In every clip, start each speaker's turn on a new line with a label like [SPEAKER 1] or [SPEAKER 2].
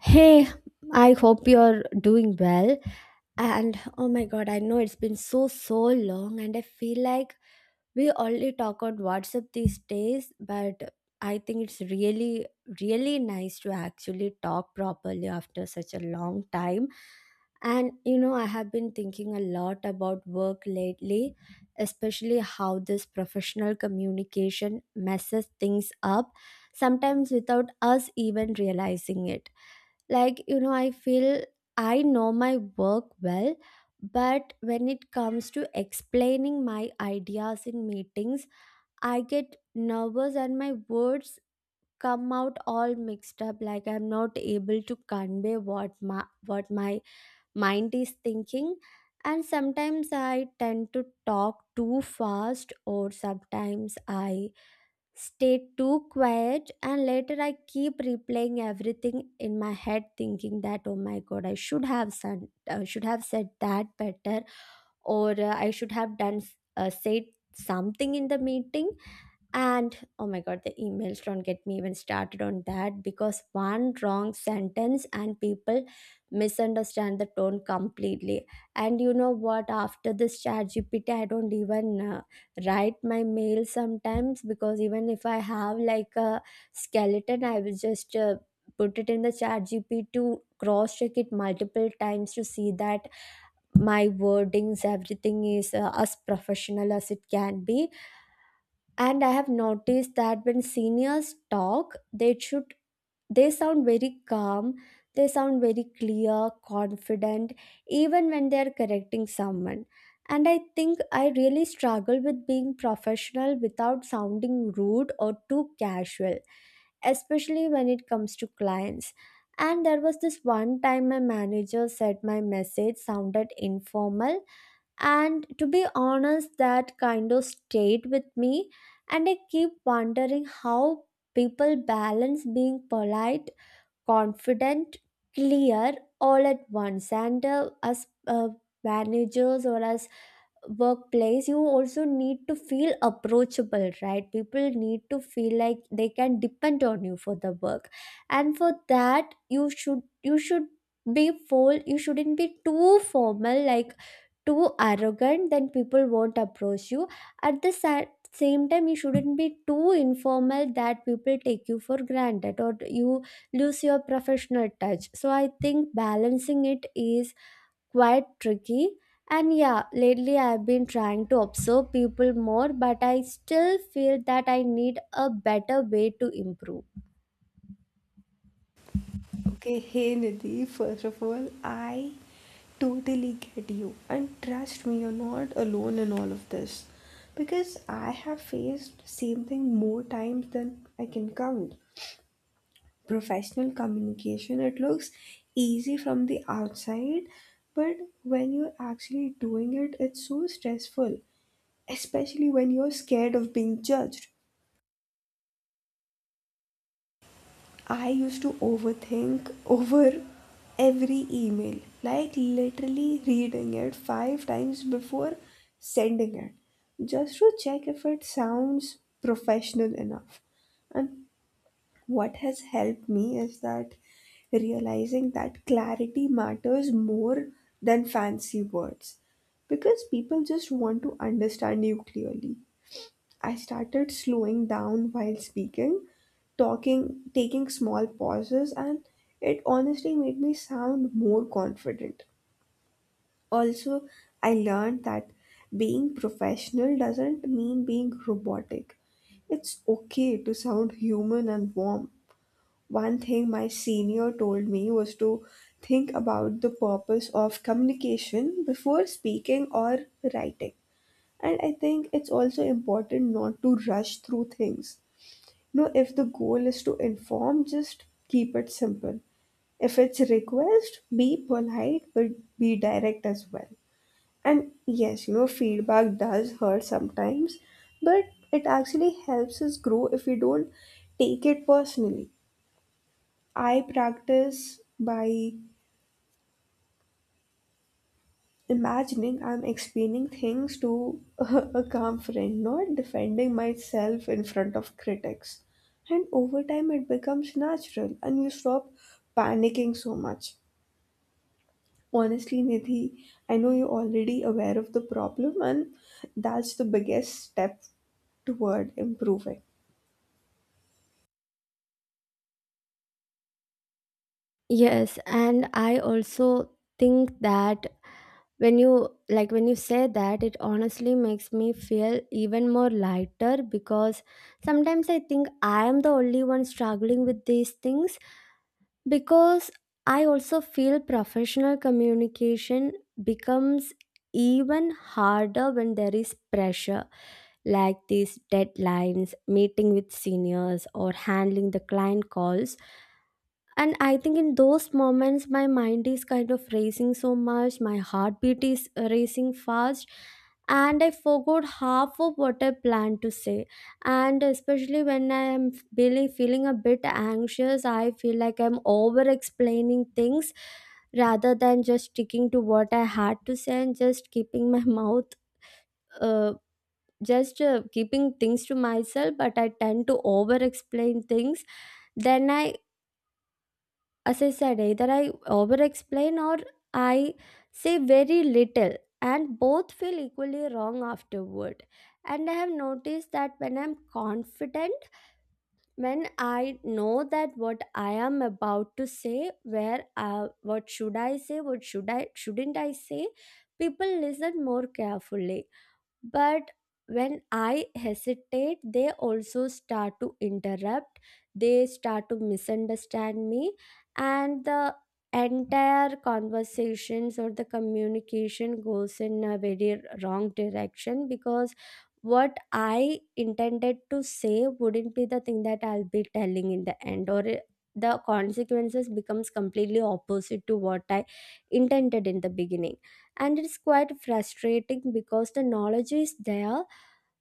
[SPEAKER 1] Hey, I hope you're doing well. And oh my god, I know it's been so long, and I feel like we only talk on WhatsApp these days, but I think it's really nice to actually talk properly after such a long time. And you know, I have been thinking a lot about work lately, especially how this professional communication messes things up sometimes without us even realizing it. I feel I know my work well, but when it comes to explaining my ideas in meetings, I get nervous and my words come out all mixed up, like I'm not able to convey what my what my mind is thinking. And sometimes I tend to talk too fast, or sometimes I stay too quiet, and later I keep replaying everything in my head, thinking that oh my god, I should have said that better, or I should have done said something in the meeting. And oh my god, the emails, don't get me even started on that, because one wrong sentence and people misunderstand the tone completely. And you know what? After this chat GPT, I don't even write my mail sometimes, because even if I have like a skeleton, I will just put it in the chat GPT to cross check it multiple times to see that my wordings, everything is as professional as it can be. And I have noticed that when seniors talk, they should they sound very calm, they sound very clear, confident, even when they are correcting someone. And I think I really struggle with being professional without sounding rude or too casual, especially when it comes to clients. And there was this one time my manager said my message sounded informal, and to be honest, that kind of stayed with me. And I keep wondering how people balance being polite, confident, clear, all at once. And as managers or as workplace, you also need to feel approachable, right? People need to feel like they can depend on you for the work. And for that, you should be full, you shouldn't be too formal, like too arrogant, then people won't approach you. at the sa- same time, you shouldn't be too informal, that people take you for granted, or you lose your professional touch. So I think balancing it is quite tricky. And yeah, lately I've been trying to observe people more, but I still feel that I need a better way to improve.
[SPEAKER 2] Okay, hey Nidhi, first of all, I totally get you. And trust me, you're not alone in all of this. Because I have faced same thing more times than I can count. Professional communication, it looks easy from the outside, but when you're actually doing it, it's so stressful. Especially when you're scared of being judged. I used to overthink over every email, like literally reading it five times before sending it, just to check if it sounds professional enough. And what has helped me is that realizing that clarity matters more than fancy words because people just want to understand you clearly. I started slowing down while speaking, talking, taking small pauses, and it honestly made me sound more confident. Also, I learned that being professional doesn't mean being robotic. It's okay to sound human and warm. One thing my senior told me was to think about the purpose of communication before speaking or writing. And I think it's also important not to rush through things. No, if the goal is to inform, just keep it simple. If it's request, be polite but be direct as well. And yes, feedback does hurt sometimes, but it actually helps us grow if we don't take it personally. I practice by imagining I'm explaining things to a calm friend, not defending myself in front of critics. And over time, it becomes natural and you stop panicking so much. Honestly, Nidhi, I know you're already aware of the problem, and that's the biggest step toward improving.
[SPEAKER 1] Yes, and I also think that when you, like when you say that, it honestly makes me feel even more lighter, because sometimes I think I am the only one struggling with these things. Because I also feel professional communication becomes even harder when there is pressure, like these deadlines, meeting with seniors, or handling the client calls. And I think in those moments my mind is kind of racing so much, my heartbeat is racing fast, and I forgot half of what I planned to say. And especially when I am really feeling a bit anxious, I feel like I'm over explaining things rather than just sticking to what I had to say and just keeping my mouth uh, just keeping things to myself. But I tend to over explain things. Then I, as I said, either I over explain or I say very little, and both feel equally wrong afterward. And I have noticed that when I'm confident, when I know that what I am about to say, where what should I say, what shouldn't I say, people listen more carefully. But when I hesitate, they also start to interrupt, they start to misunderstand me, and the entire conversations or the communication goes in a very wrong direction, because what I intended to say wouldn't be the thing that I'll be telling in the end, or the consequences becomes completely opposite to what I intended in the beginning. And it's quite frustrating, because the knowledge is there,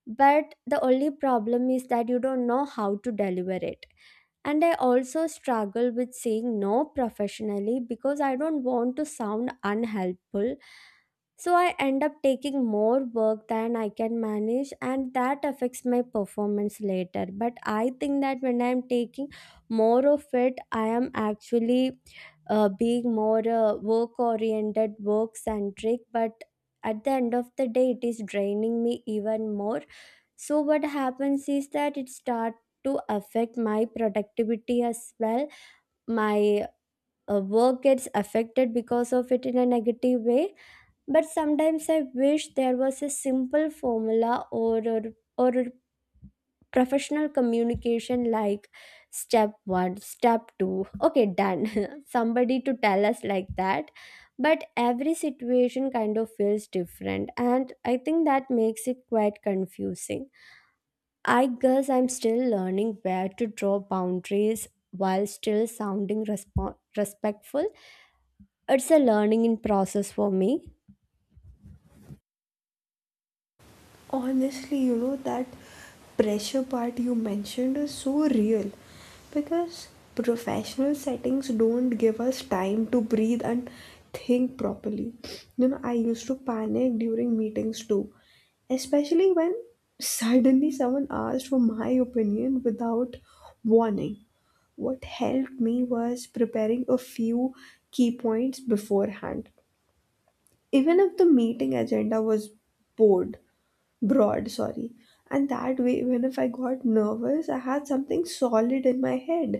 [SPEAKER 1] but the only problem is that you don't know how to deliver it. And I also struggle with saying no professionally, because I don't want to sound unhelpful. So I end up taking more work than I can manage, and that affects my performance later. But I think that when I'm taking more of it, I am actually being more work oriented, work centric. But at the end of the day, it is draining me even more. So what happens is that it start to affect my productivity as well. My work gets affected because of it in a negative way. But sometimes I wish there was a simple formula or a professional communication, like step 1, step 2, okay, done, somebody to tell us like that. But every situation kind of feels different, and I think that makes it quite confusing. I guess I'm still learning where to draw boundaries while still sounding respectful. It's a learning in process for me.
[SPEAKER 2] Honestly, that pressure part you mentioned is so real because professional settings don't give us time to breathe and think properly. I used to panic during meetings too, especially when suddenly someone asked for my opinion without warning. What helped me was preparing a few key points beforehand, even if the meeting agenda was bored broad, sorry. And that way, even if I got nervous, I had something solid in my head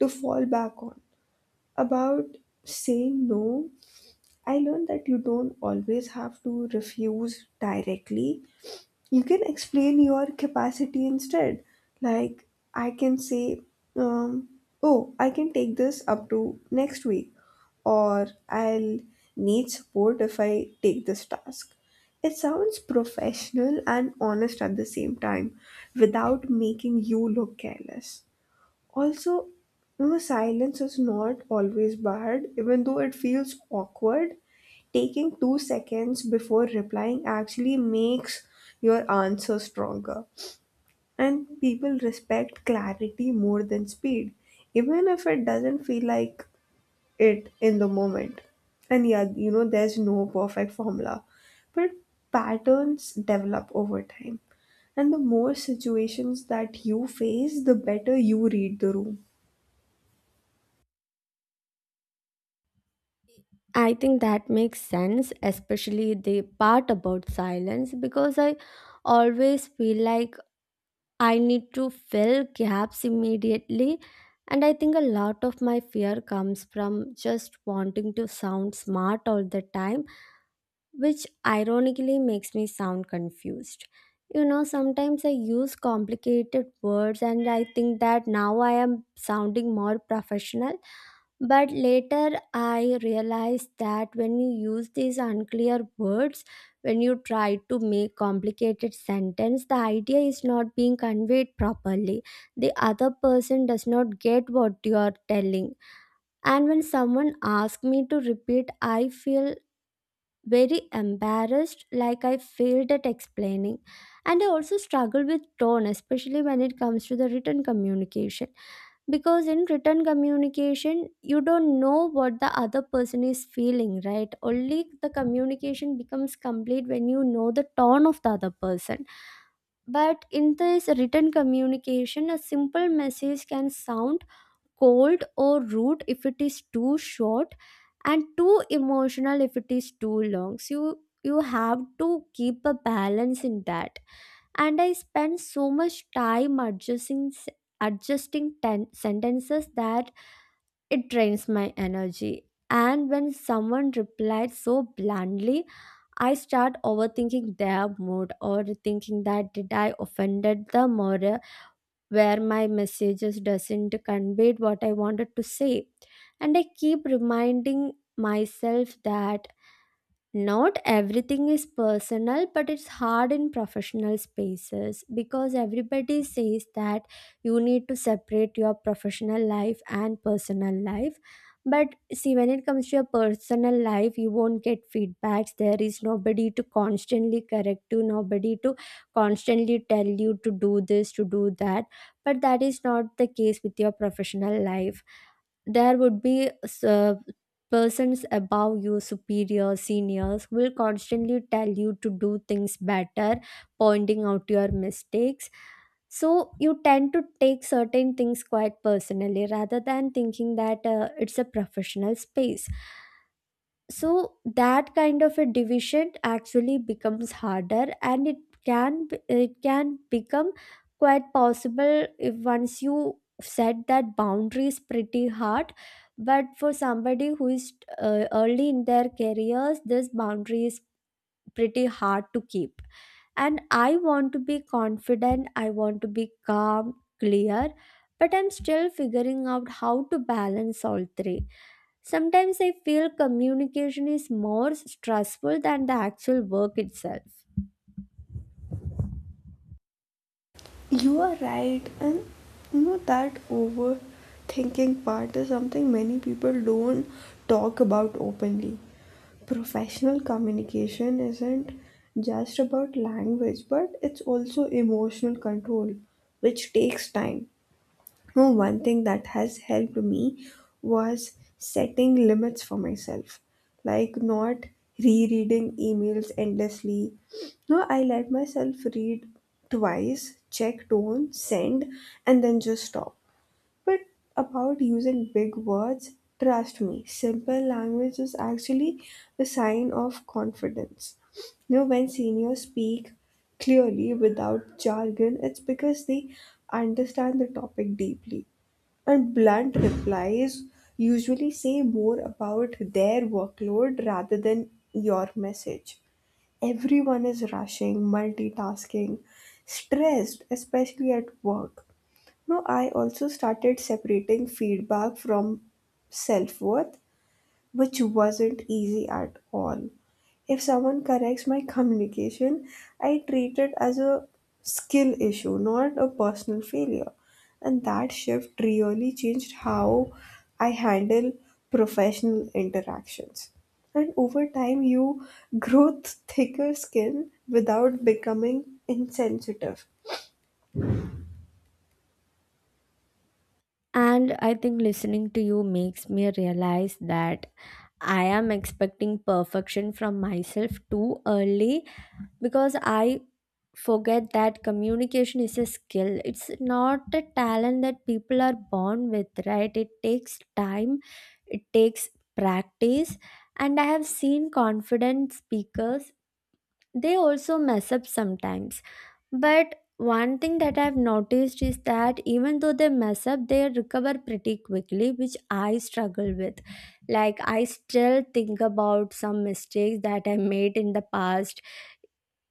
[SPEAKER 2] to fall back on. About saying no, I learned that you don't always have to refuse directly. You can explain your capacity instead. Like I can say, um, oh, I can take this up to next week, or I'll need support if I take this task. It sounds professional and honest at the same time, without making you look careless. Also, silence is not always bad, even though it feels awkward. Taking 2 seconds before replying actually makes your answer stronger. And people respect clarity more than speed, even if it doesn't feel like it in the moment. And yeah, there's no perfect formula, but patterns develop over time. And the more situations that you face, the better you read the room.
[SPEAKER 1] I think that makes sense, especially the part about silence, because I always feel like I need to fill gaps immediately. And I think a lot of my fear comes from just wanting to sound smart all the time, which ironically makes me sound confused. You know, sometimes I use complicated words and I think that now I am sounding more professional. But later I realized that when you use these unclear words, when you try to make complicated sentence, the idea is not being conveyed properly. The other person does not get what you are telling. And when someone asks me to repeat, I feel very embarrassed, like I failed at explaining. And I also struggle with tone, especially when it comes to the written communication. Because in written communication, you don't know what the other person is feeling, right? Only the communication becomes complete when you know the tone of the other person. But in this written communication, a simple message can sound cold or rude if it is too short, and too emotional if it is too long. So you have to keep a balance in that. And I spend so much time sentences, that it drains my energy. And when someone replies so blandly, I start overthinking their mood, or thinking that did I offended them, or where my messages doesn't convey what I wanted to say. And I keep reminding myself that not everything is personal, but it's hard in professional spaces, because everybody says that you need to separate your professional life and personal life. But see, when it comes to your personal life, you won't get feedbacks. There is nobody to constantly correct you, nobody to constantly tell you to do this, to do that. But that is not the case with your professional life. There would be uh, persons above you, superior seniors, who will constantly tell you to do things better, pointing out your mistakes. So you tend to take certain things quite personally, rather than thinking that it's a professional space. So that kind of a division actually becomes harder, and it can become quite possible if once you set that boundaries pretty hard. But for somebody who is early in their careers, this boundary is pretty hard to keep. And I want to be confident, I want to be calm, clear, but I'm still figuring out how to balance all three. Sometimes I feel communication is more stressful than the actual work itself.
[SPEAKER 2] You are right, and that overthinking part is something many people don't talk about openly. Professional communication isn't just about language, but it's also emotional control, which takes time. Oh, one thing that has helped me was setting limits for myself, like not rereading emails endlessly. No, I let myself read twice, check tone, send, and then just stop. But about using big words, trust me, simple language is actually a sign of confidence. When seniors speak clearly without jargon, it's because they understand the topic deeply. And blunt replies usually say more about their workload rather than your message. Everyone is rushing, multitasking, stressed, especially at work. No, I also started separating feedback from self worth, which wasn't easy at all. If someone corrects my communication, I treat it as a skill issue, not a personal failure. And that shift really changed how I handle professional interactions. And over time, you grow thicker skin without becoming insensitive.
[SPEAKER 1] And I think listening to you makes me realize that I am expecting perfection from myself too early, because I forget that communication is a skill. It's not a talent that people are born with, right? It takes time, it takes practice. And I have seen confident speakers, they also mess up sometimes. But one thing that I've noticed is that even though they mess up, they recover pretty quickly, which I struggle with. Like, I still think about some mistakes that I made in the past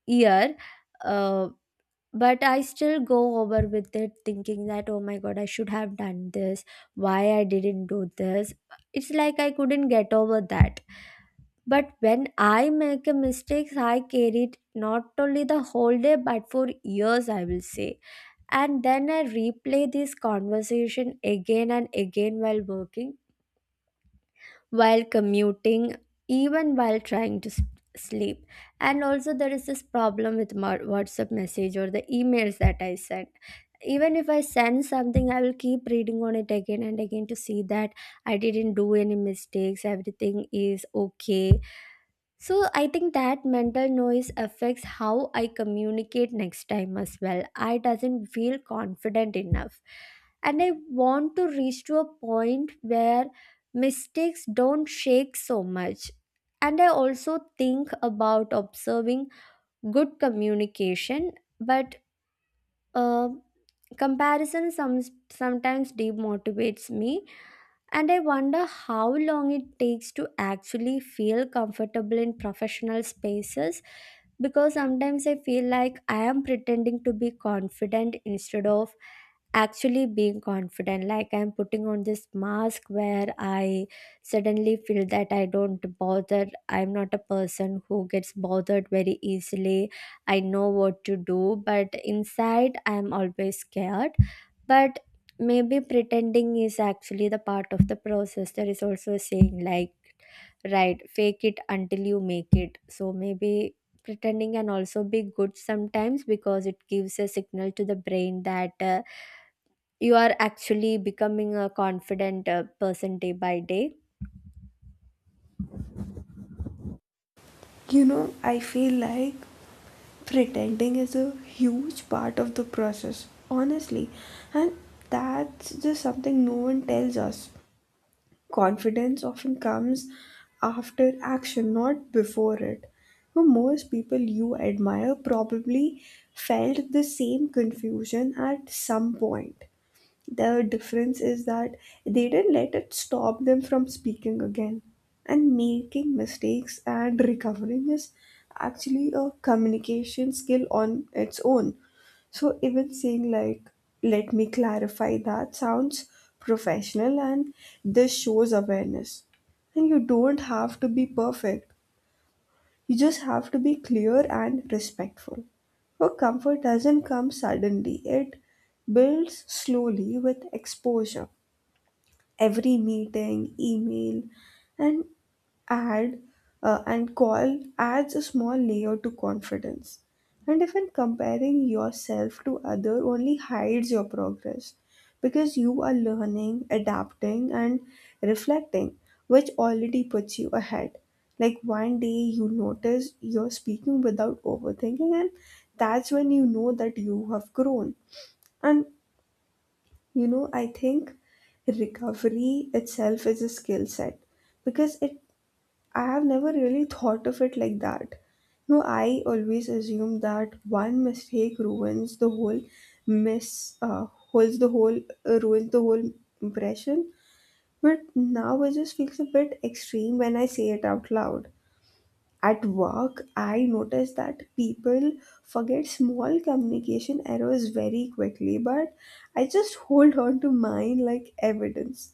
[SPEAKER 1] year, uh, but I still go over with it thinking that, oh my god, I should have done this, why I didn't do this. It's like I couldn't get over that. But when I make a mistake, I carry it not only the whole day, but for years, I will say. And then I replay this conversation again and again while working, while commuting, even while sleep. And also there is this problem with my WhatsApp message or the emails that I send. Even if I send something, I will keep reading on it again and again to see that I didn't do any mistakes, everything is okay. So I think that mental noise affects how I communicate next time as well. I doesn't feel confident enough. And I want to reach to a point where mistakes don't shake so much. And I also think about observing good communication, but uh, comparison sometimes demotivates me, and I wonder how long it takes to actually feel comfortable in professional spaces, because sometimes I feel like I am pretending to be confident instead of actually being confident. Like I'm putting on this mask where I suddenly feel that I don't bother. I'm not a person who gets bothered very easily. I know what to do, but inside I'm always scared. But maybe pretending is actually the part of the process. There is also a saying like, right, fake it until you make it. So maybe pretending can also be good sometimes because it gives a signal to the brain that you are actually becoming a confident person day by day.
[SPEAKER 2] I feel like pretending is a huge part of the process, honestly, and that's just something no one tells us. Confidence often comes after action, not before it, but most people you admire probably felt the same confusion at some point. The difference is that they didn't let it stop them from speaking again. And making mistakes and recovering is actually a communication skill on its own. So even saying like, let me clarify, that sounds professional and this shows awareness. And you don't have to be perfect. You just have to be clear and respectful. Her comfort doesn't come suddenly, it builds slowly with exposure. Every meeting, email, and add and call adds a small layer to confidence. And even comparing yourself to other only hides your progress, because you are learning, adapting and reflecting, which already puts you ahead. Like one day you notice you're speaking without overthinking, and that's when you know that you have grown. And I think recovery itself is a skill set. Because it I have never really thought of it like that. No, I always assume that one mistake ruins the whole miss holds the whole ruins the whole impression. But now it just feels a bit extreme when I say it out loud. At work, I notice that people forget small communication errors very quickly, but I just hold on to mine like evidence.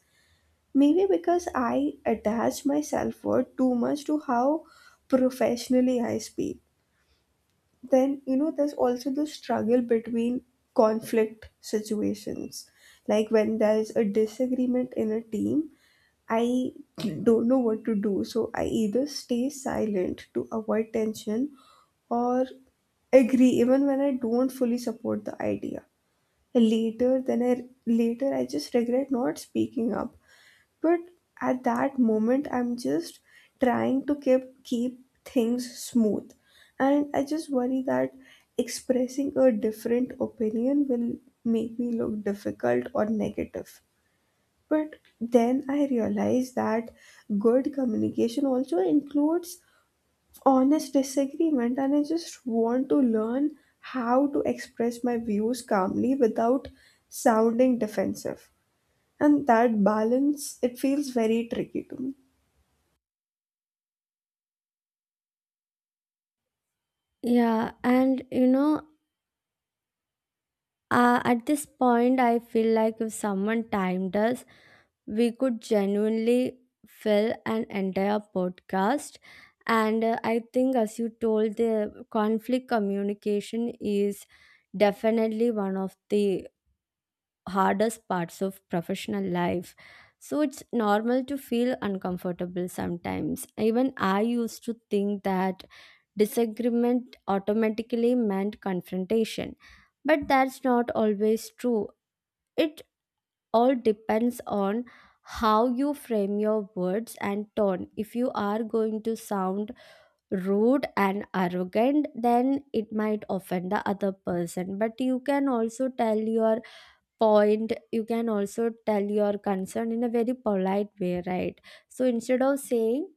[SPEAKER 2] Maybe because I attach my self worth too much to how professionally I speak. Then, there's also the struggle between conflict situations. Like when there's a disagreement in a team, I don't know what to do. So I either stay silent to avoid tension or agree even when I don't fully support the idea. Later, I just regret not speaking up, but at that moment, I'm just trying to keep things smooth, and I just worry that expressing a different opinion will make me look difficult or negative. But then I realize that good communication also includes honest disagreement, and I just want to learn how to express my views calmly without sounding defensive, and that balance, it feels very tricky to me.
[SPEAKER 1] Yeah, and you know, at this point, I feel like if someone timed us, we could genuinely fill an entire podcast. And I think, as you told, the conflict communication is definitely one of the hardest parts of professional life. So it's normal to feel uncomfortable sometimes. Even I used to think that disagreement automatically meant confrontation. But that's not always true. It all depends on how you frame your words and tone. If you are going to sound rude and arrogant, then it might offend the other person. But you can also tell your point, you can also tell your concern in a very polite way, right? So instead of saying,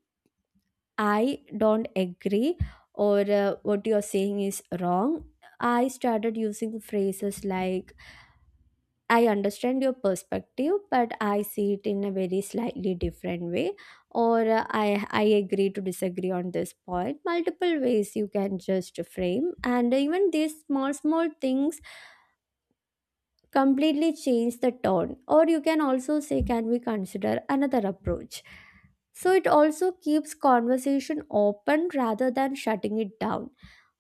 [SPEAKER 1] I don't agree, or what you're saying is wrong. I started using phrases like, I understand your perspective, but I see it in a very slightly different way, or I agree to disagree on this point. Multiple ways you can just frame, and even these small, small things completely change the tone. Or you can also say, can we consider another approach? So it also keeps conversation open rather than shutting it down.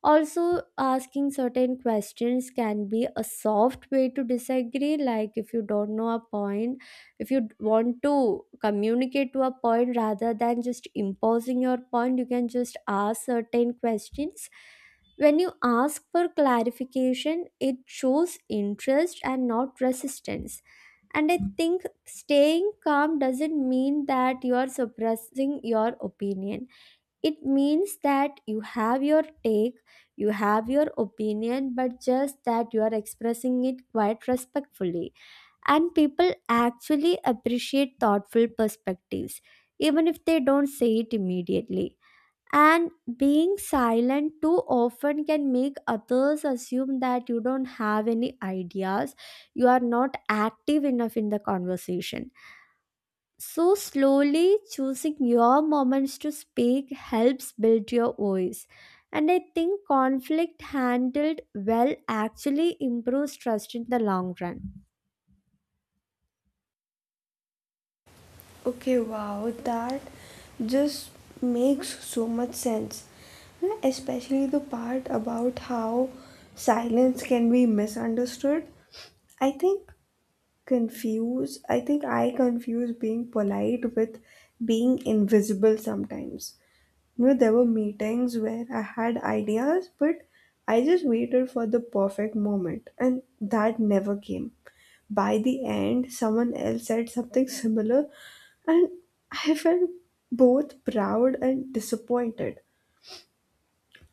[SPEAKER 1] Also, asking certain questions can be a soft way to disagree. Like, if you don't know a point, if you want to communicate to a point rather than just imposing your point, you can just ask certain questions. When you ask for clarification, it shows interest and not resistance. And I think staying calm doesn't mean that you are suppressing your opinion. It means that you have your take, you have your opinion, but just that you are expressing it quite respectfully. And people actually appreciate thoughtful perspectives, even if they don't say it immediately. And being silent too often can make others assume that you don't have any ideas, you are not active enough in the conversation. So, slowly choosing your moments to speak helps build your voice. And I think conflict handled well actually improves trust in the long run.
[SPEAKER 2] Okay, wow, that just makes so much sense. Especially the part about how silence can be misunderstood. I think I think I confuse being polite with being invisible sometimes. There were meetings where I had ideas, but I just waited for the perfect moment, and that never came. By the end, someone else said something similar, and I felt both proud and disappointed.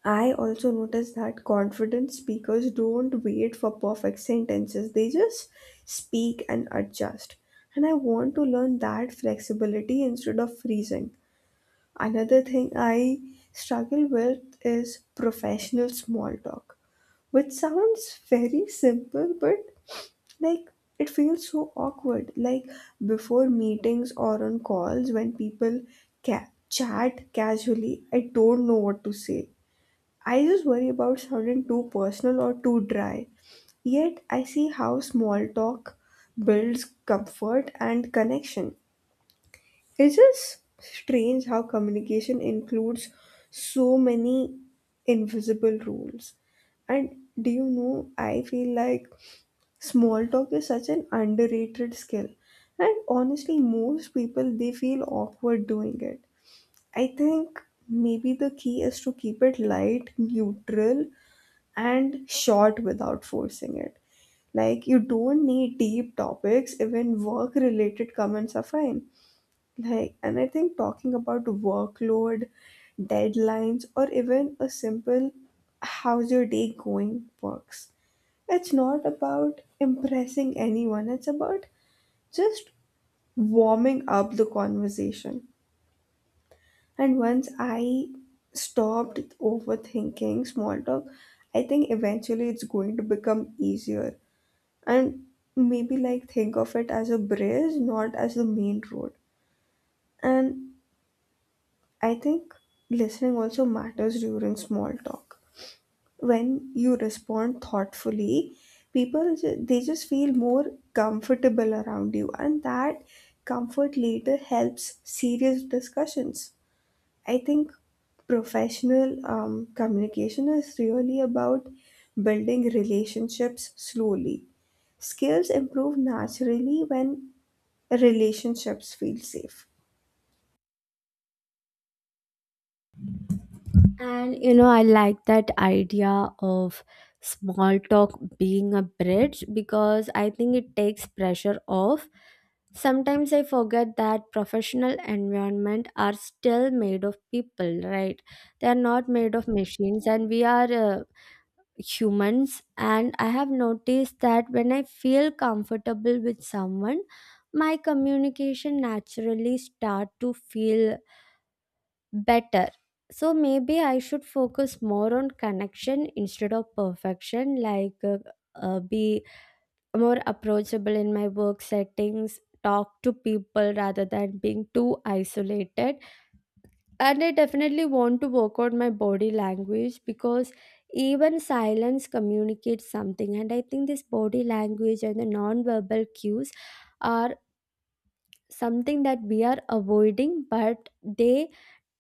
[SPEAKER 2] I also noticed that confident speakers don't wait for perfect sentences, they just speak and adjust. And I want to learn that flexibility instead of freezing. Another thing I struggle with is professional small talk, which sounds very simple, but like it feels so awkward. Like before meetings or on calls, when people chat casually, I don't know what to say. I just worry about sounding too personal or too dry. Yet, I see how small talk builds comfort and connection. It's just strange how communication includes so many invisible rules. And do you know, I feel like small talk is such an underrated skill. And honestly, most people they feel awkward doing it. I think maybe the key is to keep it light, neutral, and short without forcing it. Like, you don't need deep topics, even work related comments are fine. Like, and I think talking about workload, deadlines, or even a simple how's your day going works. It's not about impressing anyone, it's about just warming up the conversation. And once I stopped overthinking small talk, I think eventually it's going to become easier. And maybe like think of it as a bridge, not as the main road. And I think listening also matters during small talk. When you respond thoughtfully, people they just feel more comfortable around you, and that comfort later helps serious discussions. I think professional communication is really about building relationships slowly. Skills improve naturally when relationships feel safe.
[SPEAKER 1] And you know, I like that idea of small talk being a bridge because I think it takes pressure off. Sometimes I forget that professional environment are still made of people, right? They are not made of machines, and we are humans. And I have noticed that when I feel comfortable with someone, my communication naturally start to feel better. So maybe I should focus more on connection instead of perfection. Like be more approachable in my work settings, talk to people rather than being too isolated. And I definitely want to work on my body language, because even silence communicates something. And I think this body language and the non verbal cues are something that we are avoiding, but they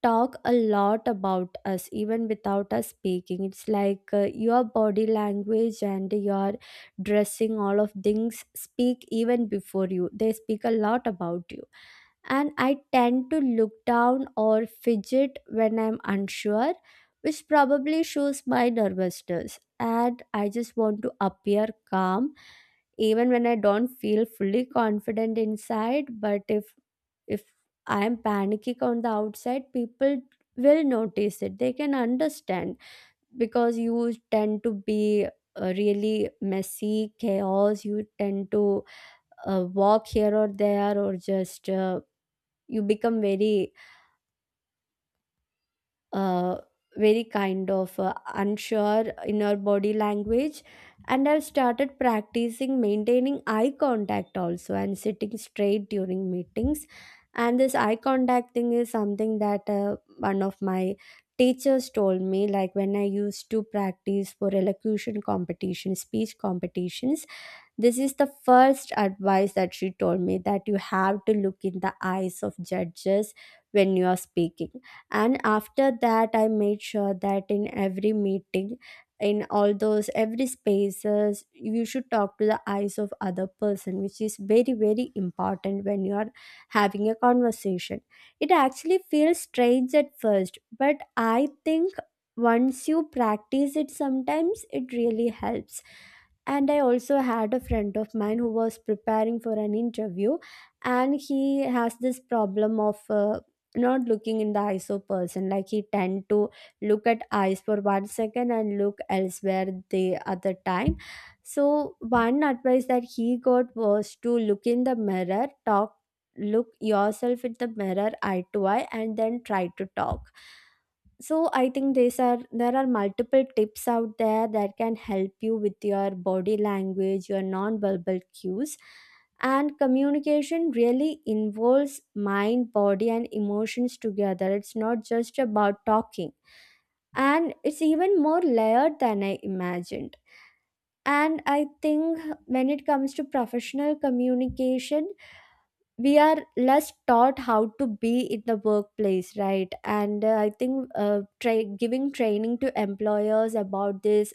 [SPEAKER 1] talk a lot about us even without us speaking. It's like, your body language and your dressing, all of things speak even before you they speak a lot about you. And I tend to look down or fidget when I'm unsure, which probably shows my nervousness, and I just want to appear calm even when I don't feel fully confident inside. But if I am panicky on the outside, people will notice it. They can understand, because you tend to be really messy, chaos. You tend to walk here or there, or just you become uh, very kind of unsure in her body language. And I've started practicing maintaining eye contact also and sitting straight during meetings. And this eye contact thing is something that, one of my teachers told me, like when I used to practice for elocution competition, speech competitions, this is the first advice that she told me, that you have to look in the eyes of judges when you are speaking. And after that, I made sure that in every meeting, in all those every spaces, you should talk to the eyes of other person, which is very very important when you are having a conversation. It actually feels strange at first, but I think once you practice it sometimes, it really helps. And I also had a friend of mine who was preparing for an interview, and he has this problem of not looking in the eyes of person. Like he tend to look at eyes for 1 second and look elsewhere the other time. So one advice that he got was to look in the mirror, talk, look yourself in the mirror eye to eye, and then try to talk. So I think these are there are multiple tips out there that can help you with your body language, your non-verbal cues. And communication really involves mind, body and emotions together. It's not just about talking, and it's even more layered than I imagined. And I think when it comes to professional communication, we are less taught how to be in the workplace, right? And I think, giving training to employers about this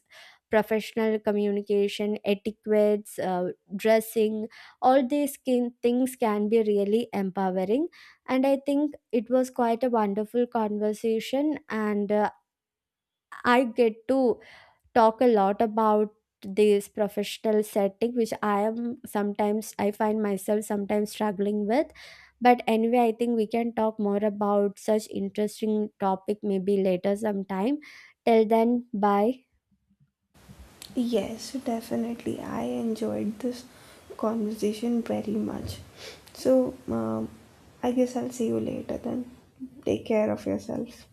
[SPEAKER 1] professional communication etiquettes, dressing, all these things can be really empowering. And I think it was quite a wonderful conversation. And I get to talk a lot about this professional setting, which I am sometimes I find myself sometimes struggling with. But anyway, I think we can talk more about such interesting topic maybe later sometime. Till then, bye.
[SPEAKER 2] Yes, definitely. I enjoyed this conversation very much. So, I guess I'll see you later then. Take care of yourself.